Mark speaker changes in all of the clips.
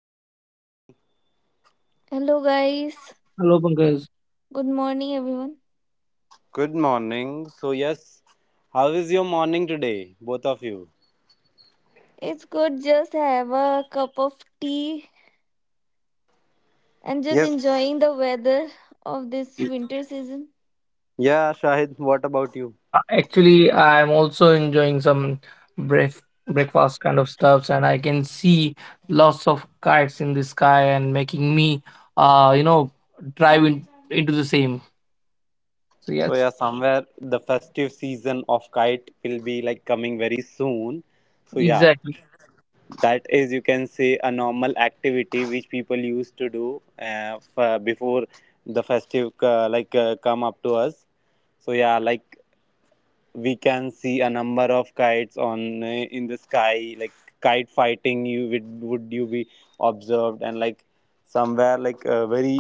Speaker 1: Shahid, hello Rajni.
Speaker 2: Hello, guys.
Speaker 3: Hello, Pankaj.
Speaker 2: Good morning, everyone.
Speaker 1: Good morning. So yes, how is your morning today, both of you?
Speaker 2: It's good just have a cup of tea and just
Speaker 1: Yes.
Speaker 2: enjoying the weather of this winter season.
Speaker 1: Yeah, Shahid, what about you?
Speaker 3: Yeah, actually, I'm also enjoying some breath breakfast kind of stuffs, and I can see lots of kites in the sky and making me, uh, you know, drive in, into the same. So
Speaker 1: So
Speaker 3: yes,
Speaker 1: yeah, somewhere the festive season of kite will be like coming very soon. So yeah,
Speaker 3: exactly,
Speaker 1: that is you can say a normal activity which people used to do before the festive come up to us. So yeah, like we can see a number of kites on in the sky like kite fighting would you be observed? And like somewhere like a very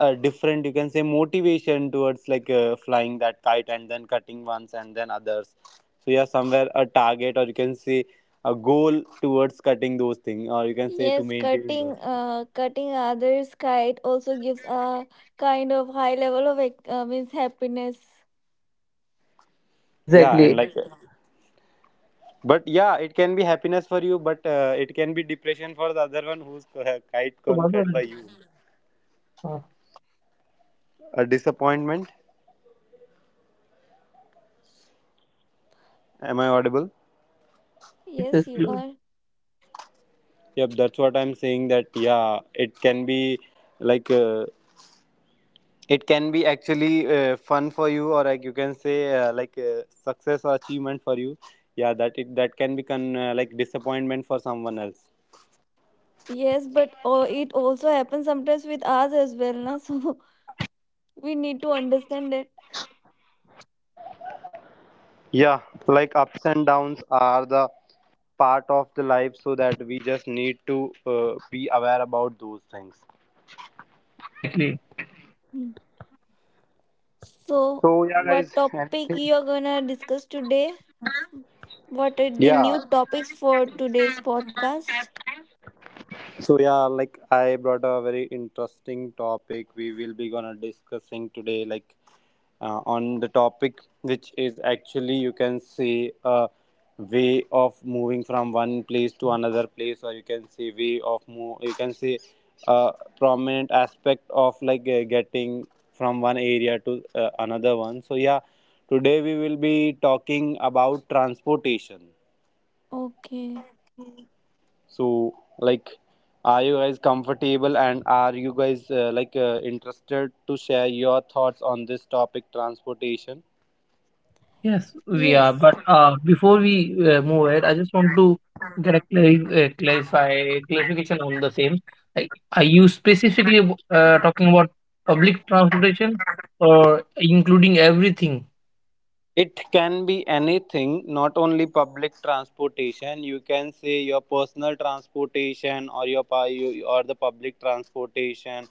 Speaker 1: different, you can say, motivation towards flying that kite and then cutting ones and then others. So yeah, somewhere a target, or you can say a goal, towards cutting those things or you can say to
Speaker 2: Yes,
Speaker 1: maintaining those
Speaker 2: cutting,
Speaker 1: things.
Speaker 2: cutting others' kite also gives a kind of high level of means happiness.
Speaker 1: Yeah,
Speaker 3: exactly.
Speaker 1: and but yeah, it can be happiness for you, but it can be depression for the other one whose kite
Speaker 3: So,
Speaker 1: gone
Speaker 3: Barbara,
Speaker 1: cut by you.
Speaker 3: uh,
Speaker 1: A disappointment. Am I audible?
Speaker 3: Yes,
Speaker 2: Yes,
Speaker 3: yes,
Speaker 2: you
Speaker 3: you-
Speaker 2: are.
Speaker 1: Yep, that's what I'm saying, that yeah, it can be like uh, it can be actually fun for you, or like you can say success or achievement for you. Yeah, that it that can become like disappointment for someone else.
Speaker 2: Yes, but oh, it also happens sometimes with us as well, na? So we need to understand that.
Speaker 1: Yeah, like ups and downs are the part of the life, so that we just need to be aware about those things.
Speaker 3: Exactly.
Speaker 2: Hmm.
Speaker 1: So
Speaker 2: So,
Speaker 1: yeah, guys,
Speaker 2: what topic
Speaker 1: anything.
Speaker 2: you're gonna discuss today? What are the
Speaker 1: Yeah.
Speaker 2: new topics for today's podcast?
Speaker 1: So yeah, like I brought a very interesting topic we will be gonna discussing today, like on the topic which is actually, you can say, a way of moving from one place to another place, or you can say way of move, you can say a prominent aspect of getting from one area to another one. So yeah, today we will be talking about transportation.
Speaker 2: Okay.
Speaker 1: So, like, are you guys comfortable and are you guys interested to share your thoughts on this topic, transportation?
Speaker 3: Yes, we are.
Speaker 2: Yes,
Speaker 3: But before we move ahead, I just want to get a clari- clarify clarification on the same. Like, are you specifically talking about public transportation or including everything?
Speaker 1: It can be anything, not only public transportation. You can say your personal transportation or your pu- you- or the public transportation,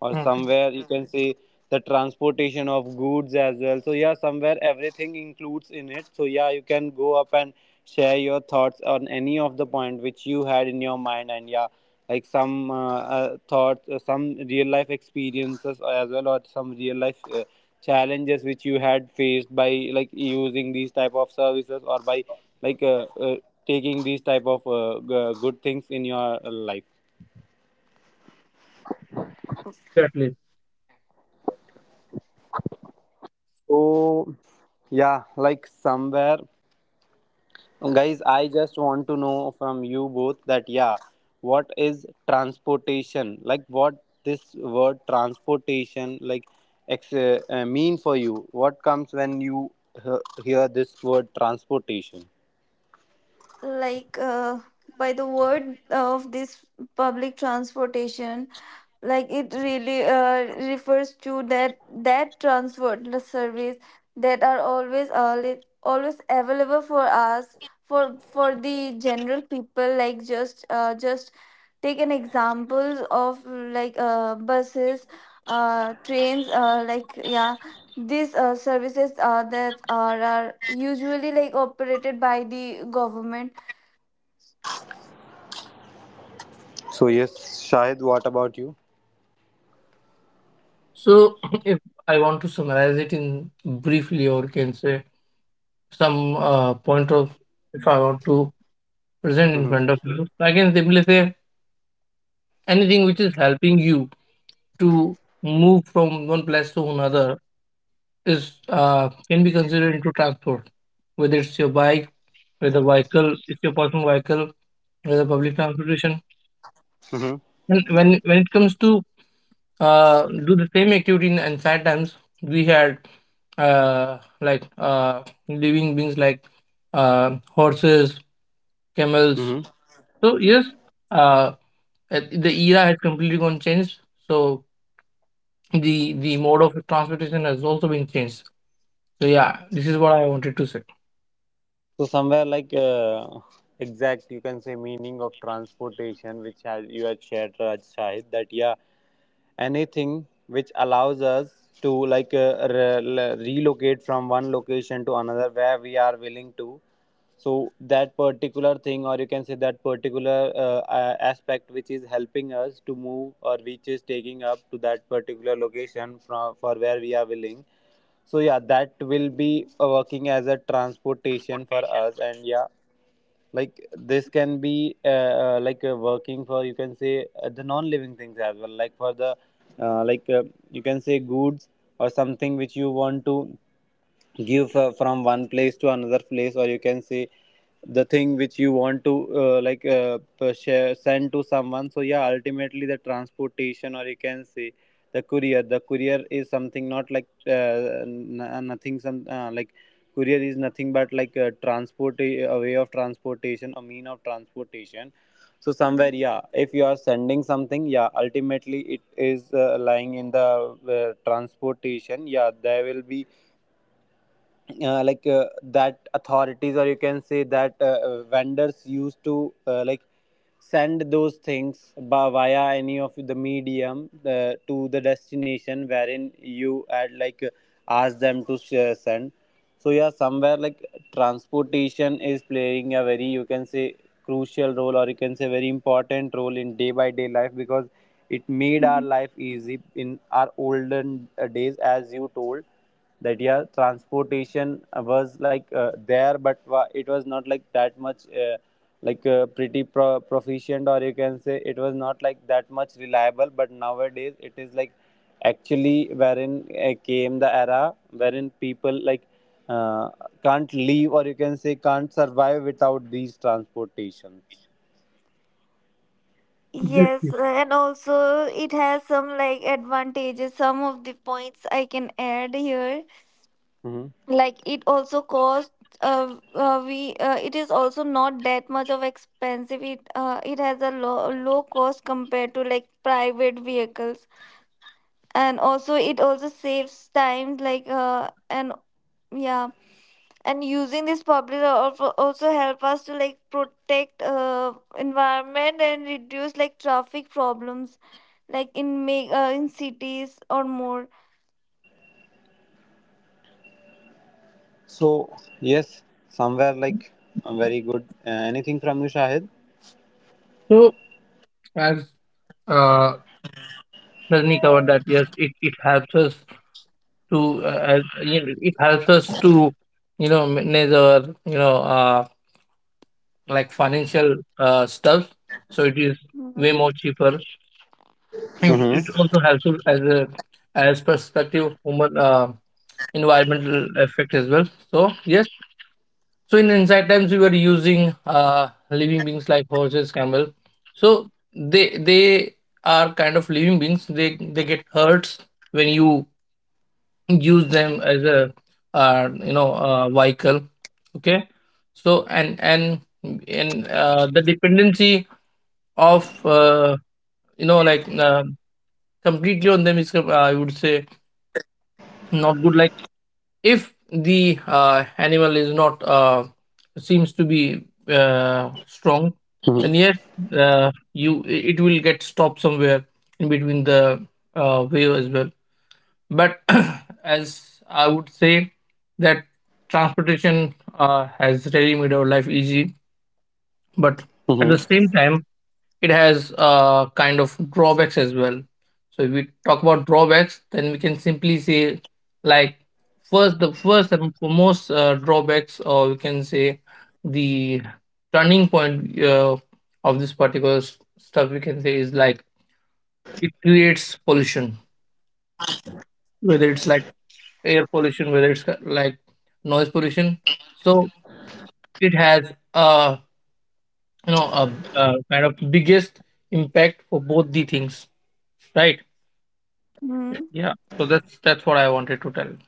Speaker 1: or
Speaker 3: Okay,
Speaker 1: somewhere you can say the transportation of goods as well. So yeah, somewhere everything includes in it. So yeah, you can go up and share your thoughts on any of the point which you had in your mind, and yeah, like some thoughts, some real life experiences as well, or some real life. Challenges which you had faced by like using these type of services or by like uh, uh, taking these type of good things in your life.
Speaker 3: exactly.
Speaker 1: So yeah, like somewhere, guys, I just want to know from you both that yeah, what is transportation? Like what this word transportation like mean for you? What comes when you hear this word transportation?
Speaker 2: like uh, by the word of this public transportation, like it really refers to that transport the service that are always always available for us for the general people like just take an examples of like buses, trains, like yeah, these services that are usually like operated by the government.
Speaker 1: So yes, Shahid, what about
Speaker 3: So, if I want to summarize it in briefly, or can say some uh, point of, if I want to present in
Speaker 1: you?
Speaker 3: front of you, I can simply say anything which is helping you to move from one place to another is can be considered into transport, whether it's your bike, whether vehicle, it's your personal vehicle, whether public transportation.
Speaker 1: Mm-hmm.
Speaker 3: And when it comes to do the same activity in times, we had living beings like horses, camels.
Speaker 1: Mm-hmm.
Speaker 3: So yes, uh, the era has completely gone changed. So the mode of transportation has also been changed. So yeah, this is what I wanted to say.
Speaker 1: So somewhere like exact, you can say, meaning of transportation, which had you had shared, Raj Shahid, that yeah, anything which allows us to relocate from one location to another where we are willing to. So that particular thing, or you can say that particular aspect which is helping us to move or which is taking up to that particular location from for where we are willing, so yeah, that will be working as a transportation for us. And yeah, like this can be working for, you can say, the non living things as well, like for the uh, like uh, you can say goods, or something which you want to give from one place to another place, or you can say the thing which you want to share, send to someone. So yeah, ultimately the transportation, or you can say the courier, the courier is something, not like nothing, some like, courier is nothing but like a transport, a way of transportation, a mean of transportation. So somewhere, yeah, if you are sending something, yeah, ultimately it is lying in the transportation. Yeah, there will be that authorities, or you can say that vendors used to like send those things by, via any of the medium to the destination wherein you had asked them to send. So yeah, somewhere like transportation is playing a very, you can say, crucial role, or you can say very important role in day by day life, because it made our life easy. In our olden days, as you told that yeah, transportation was there, but it was not like that much pretty proficient, or you can say it was not like that much reliable. But nowadays it is like, actually, wherein came the era wherein people like uh, can't leave, or you can say can't survive without these transportations.
Speaker 2: Yes,
Speaker 3: Exactly.
Speaker 2: and also it has some like advantages. Some of the points I can add here,
Speaker 1: Hmm.
Speaker 2: like it also costs. We it is also not that much of expensive. It has a low cost compared to like private vehicles, and also it also saves time. And yeah, and using this public also help us to like protect environment and reduce like traffic problems like in cities or more.
Speaker 1: So yes, somewhere like very good. Anything from you, Shahid?
Speaker 3: So, as uh, Rajni covered, that yes, it helps us to it helps us to manage our like financial stuff. So it is way
Speaker 2: Hmm.
Speaker 3: more cheaper, and
Speaker 1: Mm-hmm.
Speaker 3: it
Speaker 2: Yes.
Speaker 3: also helpful as a as perspective human environmental effect as well. So yes, so in ancient times we were using living beings like horses, camel. So they are kind of living beings, they get hurts when you use them as a vehicle, okay. So and the dependency of you know like uh, completely on them is, I would say, not good. Like if the animal is not seems to be strong, then yes, you, it will get stopped somewhere in between the way as well. But as I would say that transportation has really made our life easy, but at the
Speaker 1: Mm-hmm.
Speaker 3: same time it has kind of drawbacks as well. So if we talk about drawbacks, then we can simply say, like, first the first and foremost drawbacks, or we can say the turning point of this particular stuff, we can say, is like it creates pollution, whether it's like air pollution, whether it's like noise pollution. So it has a kind of biggest impact for both the things, right?
Speaker 2: Hmm.
Speaker 3: Yeah. So that's what I wanted to tell you.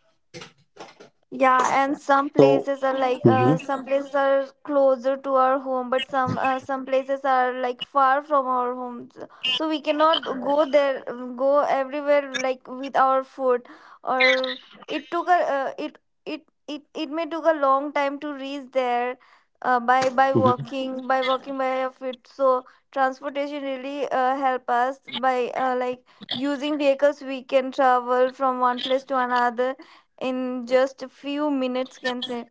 Speaker 2: Yeah, and some
Speaker 4: So.
Speaker 2: places are
Speaker 4: Mhm,
Speaker 2: some places are closer to our home, but some places are like far from our homes. So we cannot go there, mm, go everywhere like with our foot. Or it took a uh, it it it it may took a long time to reach there, by
Speaker 4: mhm.
Speaker 2: walking by our feet. So transportation really help us by like using vehicles we can travel from one place to another in just a few minutes, can say.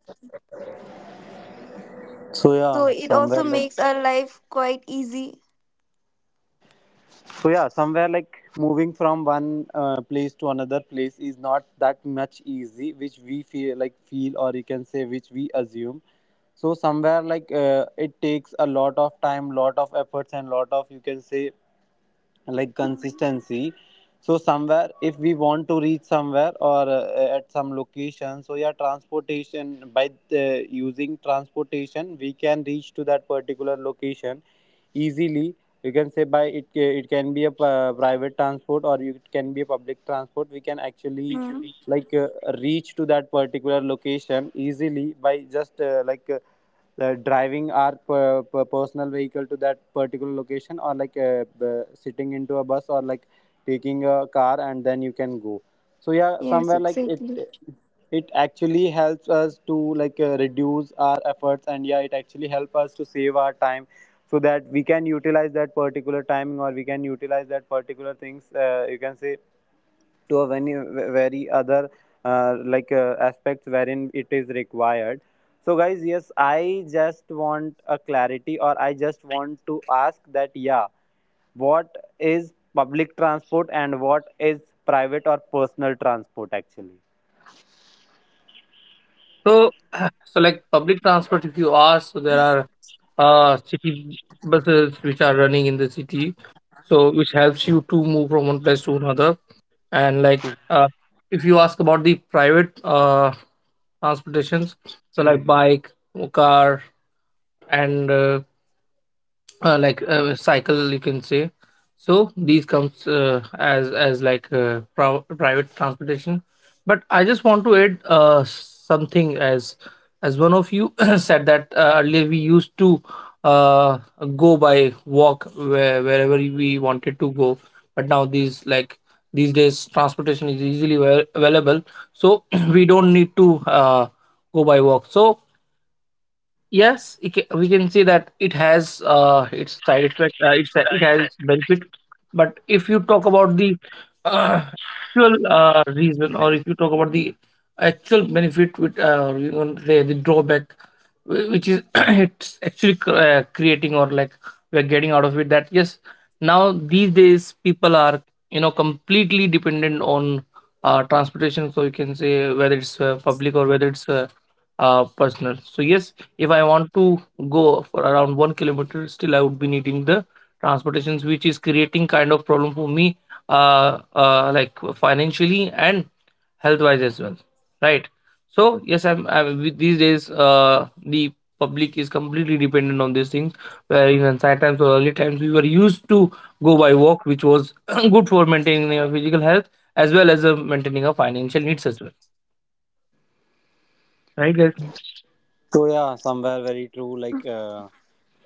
Speaker 4: so
Speaker 2: So
Speaker 4: yeah,
Speaker 2: it also
Speaker 4: somewhere like
Speaker 2: makes our life quite easy.
Speaker 4: so yeah, somewhere like moving from one place to another place is not that much easy, which we feel or you can say which we assume. So somewhere like it takes a lot of time, lot of efforts, and lot of, you can say, like
Speaker 2: Mhm.
Speaker 4: consistency. So somewhere if we want to reach somewhere or at some location, so yeah, transportation, using transportation we can reach to that particular location easily. You can say it can be a private transport or it can be a public transport. We can actually
Speaker 2: Mm.
Speaker 4: like reach to that particular location easily by just the driving our personal vehicle to that particular location, or like sitting into a bus, or like taking a car and then you can go. So yeah,
Speaker 2: Yes,
Speaker 4: somewhere like
Speaker 2: exactly.
Speaker 4: it actually helps us to like reduce our efforts, and yeah, it actually help us to save our time so that we can utilize that particular timing, or we can utilize that particular things, you can say, to a very, very other aspects wherein it is required. So guys, yes, I just want a clarity, or I just want to ask that, yeah, what is public transport and what is private or personal transport actually?
Speaker 3: So so like public transport, if you ask, so there are city buses which are running in the city, so which helps you to move from one place to another. And if you ask about the private transportations, so like bike, or car, and cycle, you can say. So these comes private transportation. But I just want to add something as one of you said that earlier we used to uh, go by walk where, wherever we wanted to go. But now these like these days transportation is easily available, so we don't need to go by walk. So yes, it we can see that it has its side effect. It's, it has its benefit, but if you talk about the uh, actual reason, or if you talk about the actual benefit, with the drawback, which is, it's actually creating, or like we're getting out of it. That yes, now these days people are completely dependent on transportation. So you can say whether it's public or whether it's personal. So yes, if I want to go for around 1 kilometer, still I would be needing the transportations, which is creating kind of problem for me, like financially and health wise as well, right? So yes, I'm with these days the public is completely dependent on these things. Where in ancient times or early times, we were used to go by walk, which was good for maintaining our physical health as well as maintaining our financial needs as well, right, guys?
Speaker 4: So yeah, somewhere very true. Like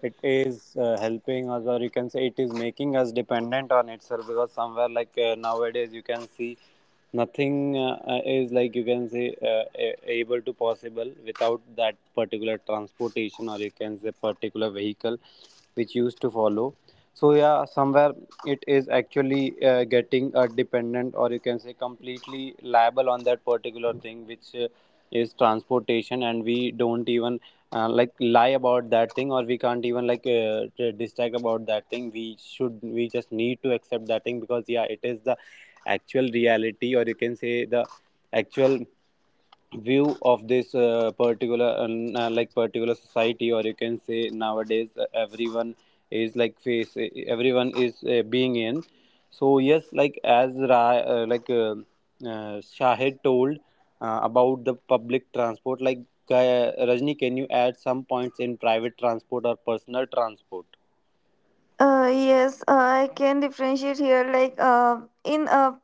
Speaker 4: it is helping us, or you can say it is making us dependent on itself, because somewhere like nowadays you can see nothing is, like, you can say, able to possible without that particular transportation, or you can say particular vehicle, which used to follow. So yeah, somewhere it is actually getting dependent, or you can say completely liable on that particular thing, which is transportation, and we don't even like lie about that thing, or we can't even like distract about that thing. We should we just need to accept that thing, because yeah, it is the actual reality, or you can say the actual view of this particular like particular society, or you can say nowadays everyone is like face everyone is being in. So yes, like, as Ra, like Shahid told about the public transport, like, Rajni, can you add some points in private transport or personal transport?
Speaker 2: Yes, I can differentiate here. Like in a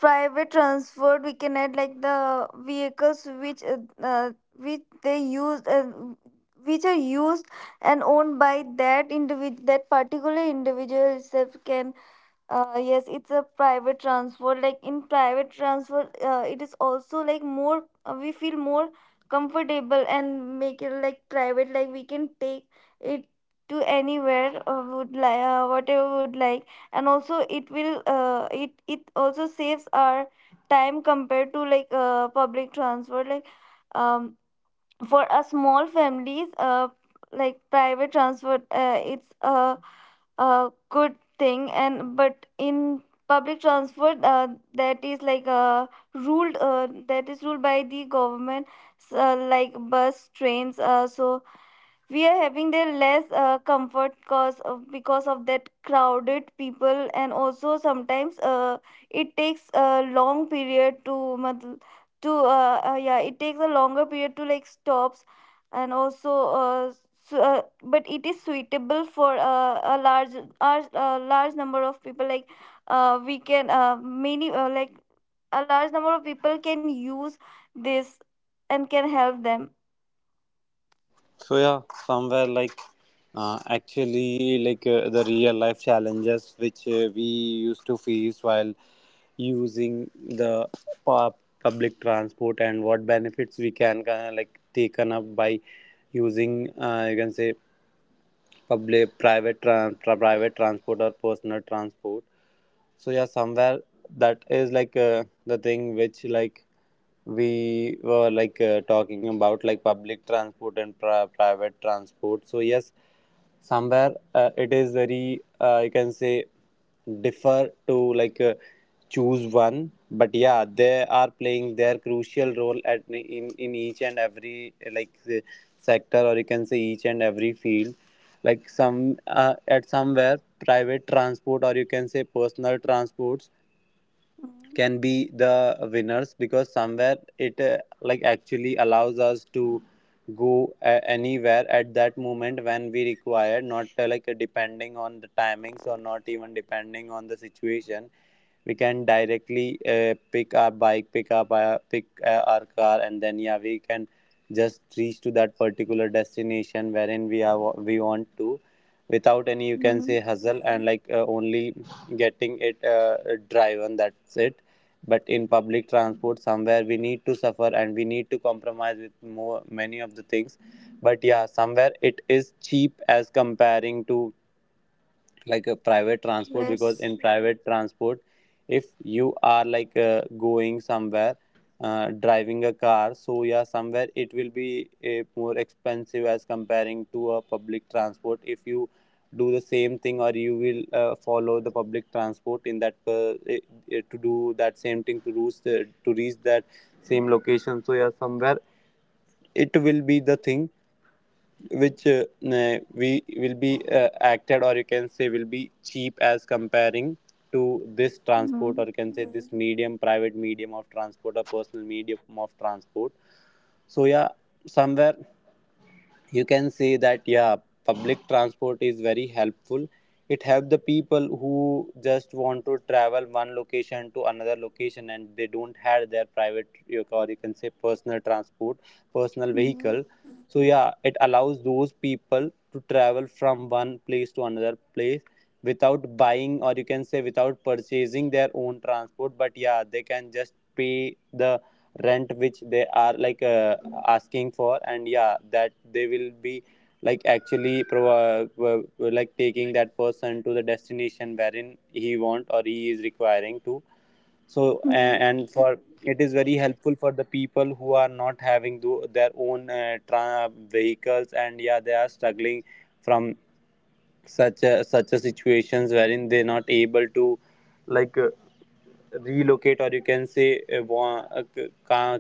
Speaker 2: private transport, we can add like the vehicles uh, which they used and which are used and owned by that individual, that particular individual itself can yes, it's a private transfer, like in private transfer it is also like more we feel more comfortable and make it like private, like we can take it to anywhere would like, whatever would like, and also it it also saves our time compared to like public transfer, like um, for a small families, like private transfer, it's a good thing. And but in public transport that is like ruled that is ruled by the government, like bus trains, so we are having their less comfort because of that crowded people, and also sometimes it takes a long period to matl- yeah, it takes a longer period to like stops, and also so, but it is suitable for a large number of people, like we can many like a large number of people can use this and can help them.
Speaker 4: So yeah, somewhere like actually like the real life challenges which we used to face while using the pu- public transport, and what benefits we can like taken up by using, you can say, public private private transport or personal transport. So yeah, somewhere that is like the thing which like we were like talking about, like public transport and private transport. So yes, somewhere it is very you can say differ to like choose one, but yeah, they are playing their crucial role at in each and every sector, or you can say each and every field. Like, some at somewhere, private transport or, you can say, personal transports
Speaker 2: Mhm.
Speaker 4: can be the winners, because somewhere it like actually allows us to go anywhere at that moment when we require, not depending on the timings, or not even depending on the situation. We can directly pick our bike pick up our pick our car, and then yeah, we can just reach to that particular destination wherein we want to, without any, you can say,
Speaker 2: Mhm.
Speaker 4: hustle, and like only getting it driven, that's it. But in public transport, somewhere we need to suffer and we need to compromise with more many of the things. But yeah, somewhere it is cheap as comparing to like a private transport, because in
Speaker 2: Yes.
Speaker 4: private transport, if you are like going somewhere, driving a car, so yeah, somewhere it will be a more expensive as comparing to a public transport, if you do the same thing, or you will follow the public transport in that to do that same thing to to reach that same location. So yeah, somewhere it will be the thing which we will be acted, or you can say will be cheap as comparing to this transport, or
Speaker 2: Mhm,
Speaker 4: you can say this medium, private medium of transport or personal medium of transport. So yeah, somewhere, you can say that yeah, public transport is very helpful. It helps the people who just want to travel one location to another location, and they don't have their private, your car, you can say, personal transport, personal
Speaker 2: mhm,
Speaker 4: vehicle. So yeah, it allows those people to travel from one place to another place without buying, or you can say without purchasing, their own transport, but yeah, they can just pay the rent which they are like asking for, and yeah, that they will be like actually like taking that person to the destination wherein he want or he is requiring to. So
Speaker 2: mhm,
Speaker 4: and for, it is very helpful for the people who are not having their own vehicles, and yeah, they are struggling from such a situations wherein they're not able to like. uh, relocate, or you can say uh,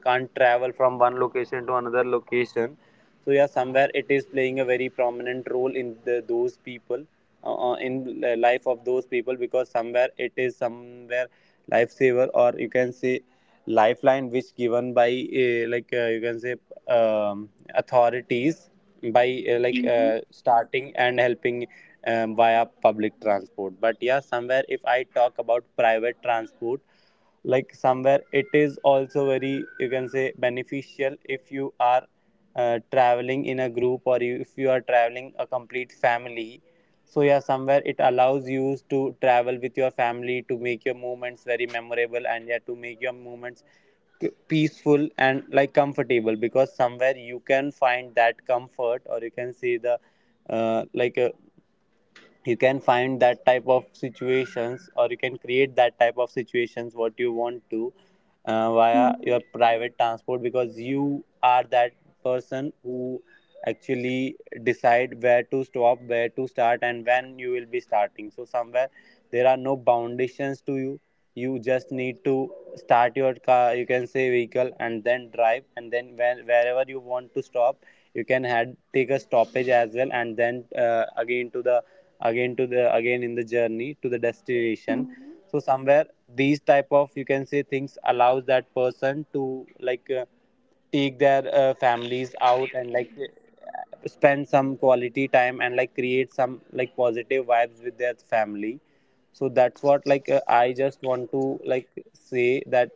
Speaker 4: can't travel from one location to another location. So yeah, somewhere it is playing a very prominent role in the life of those people, because somewhere it is, somewhere, lifesaver, or you can say lifeline, which given by you can say authorities by starting and helping via public transport. But yeah, somewhere, if I talk about private transport, like, somewhere it is also very, you can say, beneficial if you are traveling in a group, or if you are traveling a complete family. So yeah, somewhere it allows you to travel with your family to make your movements very memorable, and yeah, to make your movements peaceful and like comfortable, because somewhere you can find that comfort, or you can see the uh, like uh, you can find that type of situations, or you can create that type of situations what you want to, via your
Speaker 2: mhm,
Speaker 4: private transport, because you are that person who actually decide where to stop, where to start, and when you will be starting. So somewhere there are no foundations to you. You just need to start your car, you can say vehicle, and then drive, and then wherever you want to stop, you can had take a stoppage as well, and then again in the journey to the destination. So somewhere these type of, you can say, things allows that person to like take their families out, and like spend some quality time, and like create some like positive vibes with their family. So that's what, like,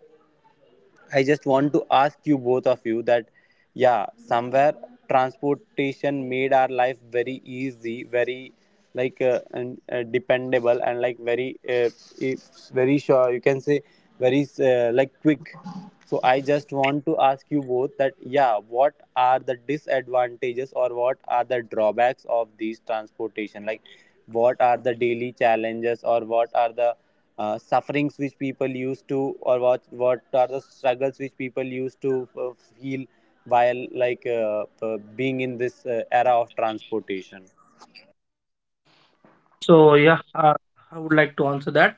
Speaker 4: I just want to ask you, both of you, that yeah, somewhere transportation made our life very easy, very like dependable, and like very, it's very sure, you can say, very like quick. So I just want to ask you both that yeah, what are the disadvantages, or what are the drawbacks of these transportation? Like, what are the daily challenges, or what are the sufferings which people used to, or what are the struggles which people used to feel while like being in this era of transportation?
Speaker 3: So yeah, I would like to answer that.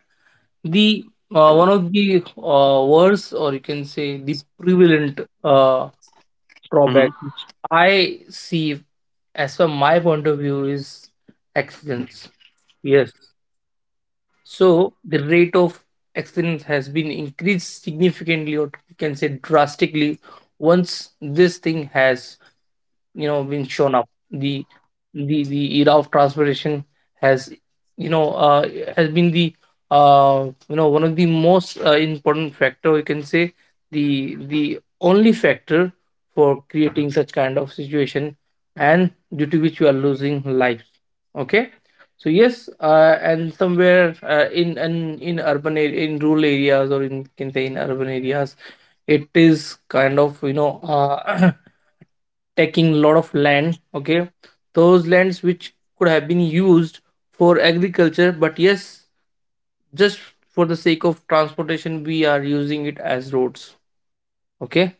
Speaker 3: The one of the worst, or you can say the prevalent
Speaker 4: Mm-hmm.
Speaker 3: drawback, which I see as per my point of view, is accidents. Yes. So the rate of accidents has been increased significantly, or you can say drastically, once this thing has been shown up. The the era of transportation has, you know uh, has been the one of the most important factor, we can say the only factor for creating such kind of situation and due to which we are losing lives, okay. So yes, and somewhere in in rural areas, or in, can say, in urban areas, it is kind of, taking a lot of land, okay, those lands which could have been used for agriculture, but yes, just for the sake of transportation we are using it as roads, okay.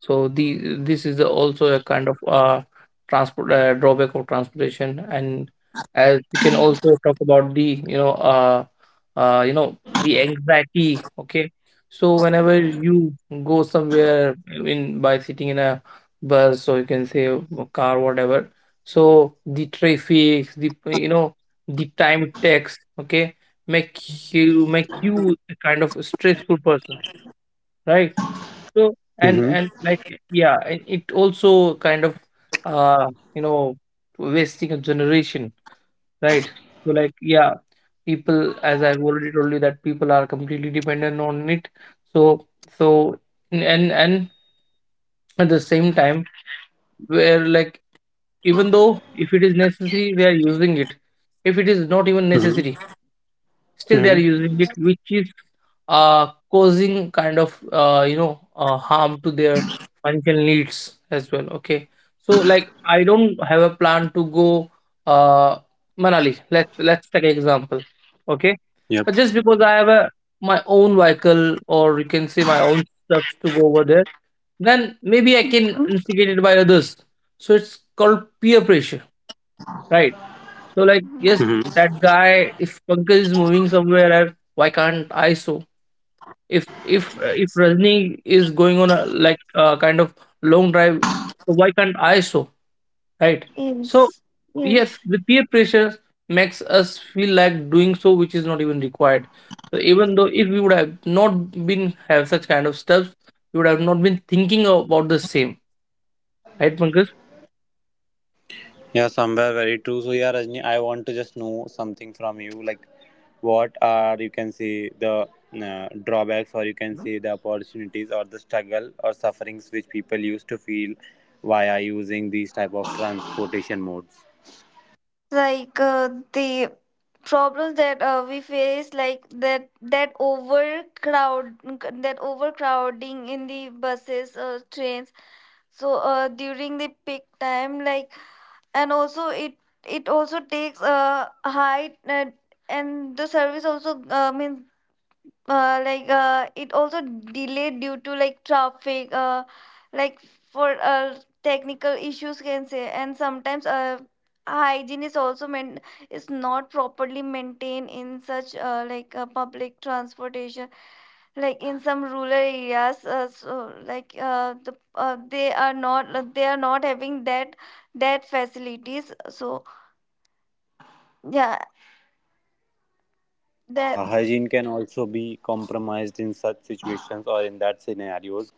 Speaker 3: So the this is also a kind of transport drawback of transportation. And as you can also talk about the the anxiety, okay. So whenever you go somewhere, in by sitting in a bus, or you can say a car, whatever, so the traffic, the the time it takes, okay, make make you a kind of stressful person, right? So
Speaker 4: Mm-hmm.
Speaker 3: and like, yeah, and it also kind of uh you know wasting a generation, right? So like yeah, people, as I've already told you that people are completely dependent on it. So so and at the same time, where like even though if it is necessary, they are using it. If it is not even
Speaker 4: Mm-hmm.
Speaker 3: necessary, still they are
Speaker 4: Mm-hmm.
Speaker 3: using it, which is causing kind of harm to their financial needs as well, okay. So like I don't have a plan to go uh Manali, let's take an example, okay.
Speaker 4: Yep.
Speaker 3: But just because I have a my own vehicle, or you can say my own stuff to go over there, then maybe I
Speaker 2: mhm.
Speaker 3: can instigate it by others. So it's called peer pressure, right? So like, yes, that
Speaker 4: Mm-hmm.
Speaker 3: guy. If Pankaj is moving somewhere else, why can't I? So if if Rajni is going on a like kind of long drive, so why can't I? So right. So
Speaker 2: Yes,
Speaker 3: yes,
Speaker 2: yes.
Speaker 3: the peer pressure makes us feel like doing so, which is not even required. So even though if we would have not been have such kind of steps, we would have not been thinking about the same, right, Pankaj?
Speaker 4: Yeah, somewhere very true. So yeah, Rajni, I want to just know something from you, like, what are, you can see, the drawbacks, or you can see the opportunities, or the struggle or sufferings which people used to feel via using these type of transportation modes?
Speaker 2: Like the problems that we face, like that overcrowding in the buses or trains. So during the peak time, like, and also it also takes a height, and the service also means it also delayed due to like traffic, like for technical issues, can say, and sometimes hygiene is also meant, is not properly maintained in such public transportation, like in some rural areas, so like they are not, they are not having that that facilities, so yeah, that.
Speaker 4: Yeah, hygiene can also be compromised in such situations, or in that scenarios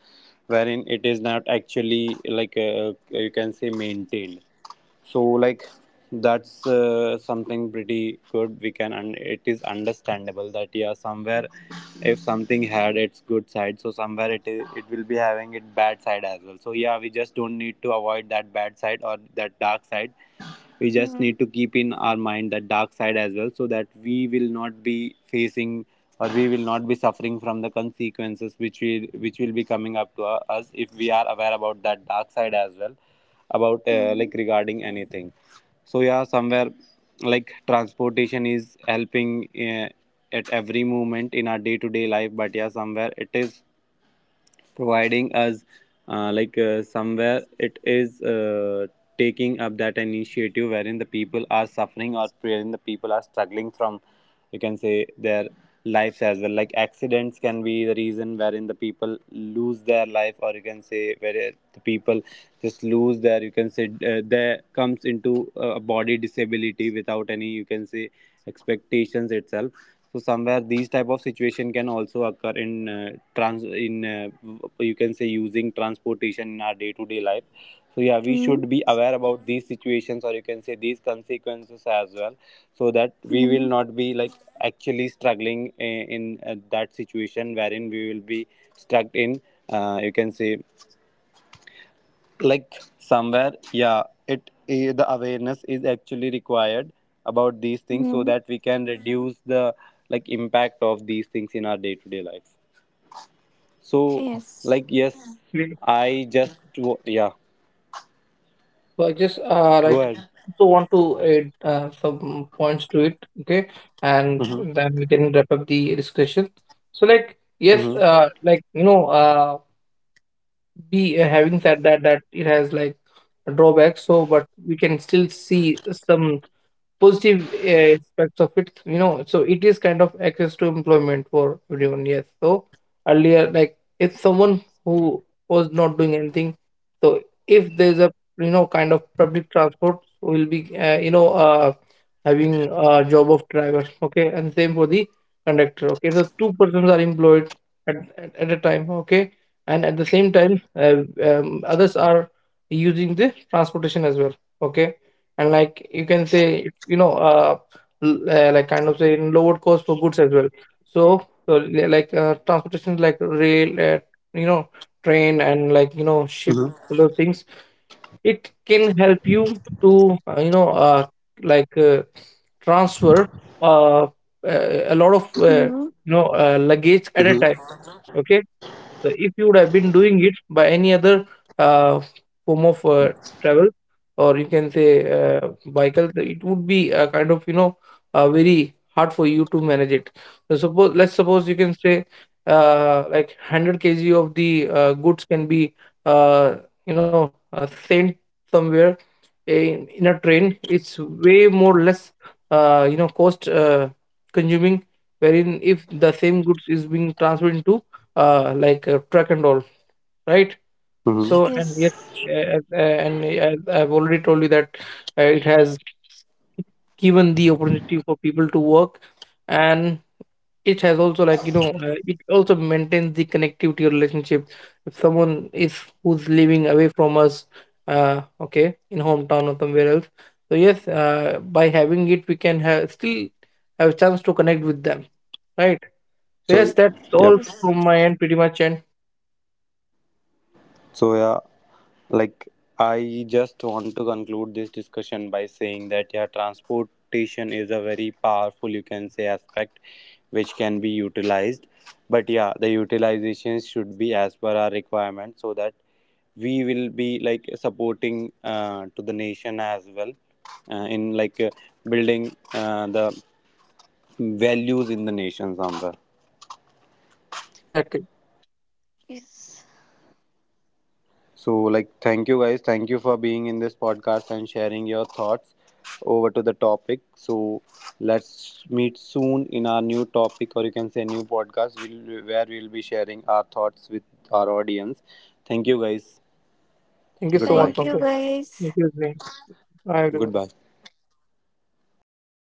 Speaker 4: wherein it is not actually, like you can say, maintained. So like, that's something pretty good, we can, and it is understandable that yeah, somewhere, if something had its good side, so somewhere it will be having its bad side as well. So yeah, we just don't need to avoid that bad side or that dark side. We just
Speaker 2: Mhm.
Speaker 4: need to keep in our mind that dark side as well, so that we will not be facing, or we will not be suffering from, the consequences which will be coming up to us, if we are aware about that dark side as well, about
Speaker 2: Mhm.
Speaker 4: like, regarding anything. So yeah, somewhere, like, transportation is helping uh, at every moment in our day to day life, but yeah, somewhere it is providing us somewhere it is taking up that initiative wherein the people are suffering, or wherein the people are struggling from, you can say, their lives as well. Like, accidents can be the reason wherein the people lose their life, or you can say where the people just lose their, you can say, there comes into a body disability without any, you can say, expectations itself. So somewhere these type of situation can also occur in trans in you can say using transportation in our day to day life. So yeah, we
Speaker 2: Mhm.
Speaker 4: should be aware about these situations, or you can say these consequences as well, so that we will
Speaker 2: Mhm.
Speaker 4: not be like actually struggling in that situation wherein we will be stuck in you can say, like, somewhere, yeah, the awareness is actually required about these things, so
Speaker 2: Mhm.
Speaker 4: that we can reduce the like impact of these things in our day to day life. So
Speaker 2: Yes.
Speaker 4: like, yes,
Speaker 3: Exactly.
Speaker 4: yeah,
Speaker 3: So I just
Speaker 4: go ahead.
Speaker 3: want to add some points to it, okay, and
Speaker 4: Mm-hmm,
Speaker 3: then we can wrap up the discussion. So like yes,
Speaker 4: mm-hmm,
Speaker 3: we having said that that it has like drawbacks. So but we can still see some positive aspects of it, you know. So it is kind of access to employment for everyone. Yes, so earlier, like if someone who was not doing anything, so if there's a kind of public transport, will be having a job of driver, okay, and same for the conductor, okay, the two persons are employed at a time, okay. And at the same time others are using the transportation as well, okay. And like you can say like kind of say in lower cost for goods as well. So so like transportation like rail you know train, and like ship, those things, it can help you to like uh, transfer uh, uh, a lot of
Speaker 2: Mhm.
Speaker 3: luggage at a time,
Speaker 4: mm-hmm,
Speaker 3: okay. So if you would have been doing it by any other uh, form of travel, or you can say vehicle, it would be a kind of very hard for you to manage it. So suppose, let's suppose, you can say like 100 kg of the goods can be uh, sent somewhere in a train. It's way more less cost consuming. Wherein if the same goods is being transferred into like a truck and all, right? So
Speaker 4: mm-hmm.
Speaker 3: and yet,
Speaker 2: Yes.
Speaker 3: and I've already told you that it has given the opportunity for people to work, and it has also it also maintains the connectivity relationship. If someone is who's living away from us, okay, in hometown or somewhere else, so yes, by having it, we can have still have a chance to connect with them, right? So
Speaker 4: So
Speaker 3: yes, that's
Speaker 4: yep.
Speaker 3: all
Speaker 2: Yes.
Speaker 3: from my end, pretty much, and
Speaker 4: So yeah, like, I just want to conclude this discussion by saying that yeah, transportation is a very powerful, you can say, aspect which can be utilized. But yeah, the utilization should be as per our requirement, so that we will be like supporting to the nation as well, in like building the values in the nation somewhere.
Speaker 3: exactly.
Speaker 2: Yes.
Speaker 4: So, like, thank you guys. Thank you for being in this podcast and sharing your thoughts over to the topic. So, let's meet soon in our new topic, or you can say new podcast, where we'll be sharing our thoughts with our audience. Thank you guys.
Speaker 3: Thank you so much,
Speaker 4: Goodbye.
Speaker 2: Thank you
Speaker 3: Pankaj.
Speaker 2: guys.
Speaker 3: Thank you, Zane. Bye, everyone.
Speaker 4: Goodbye.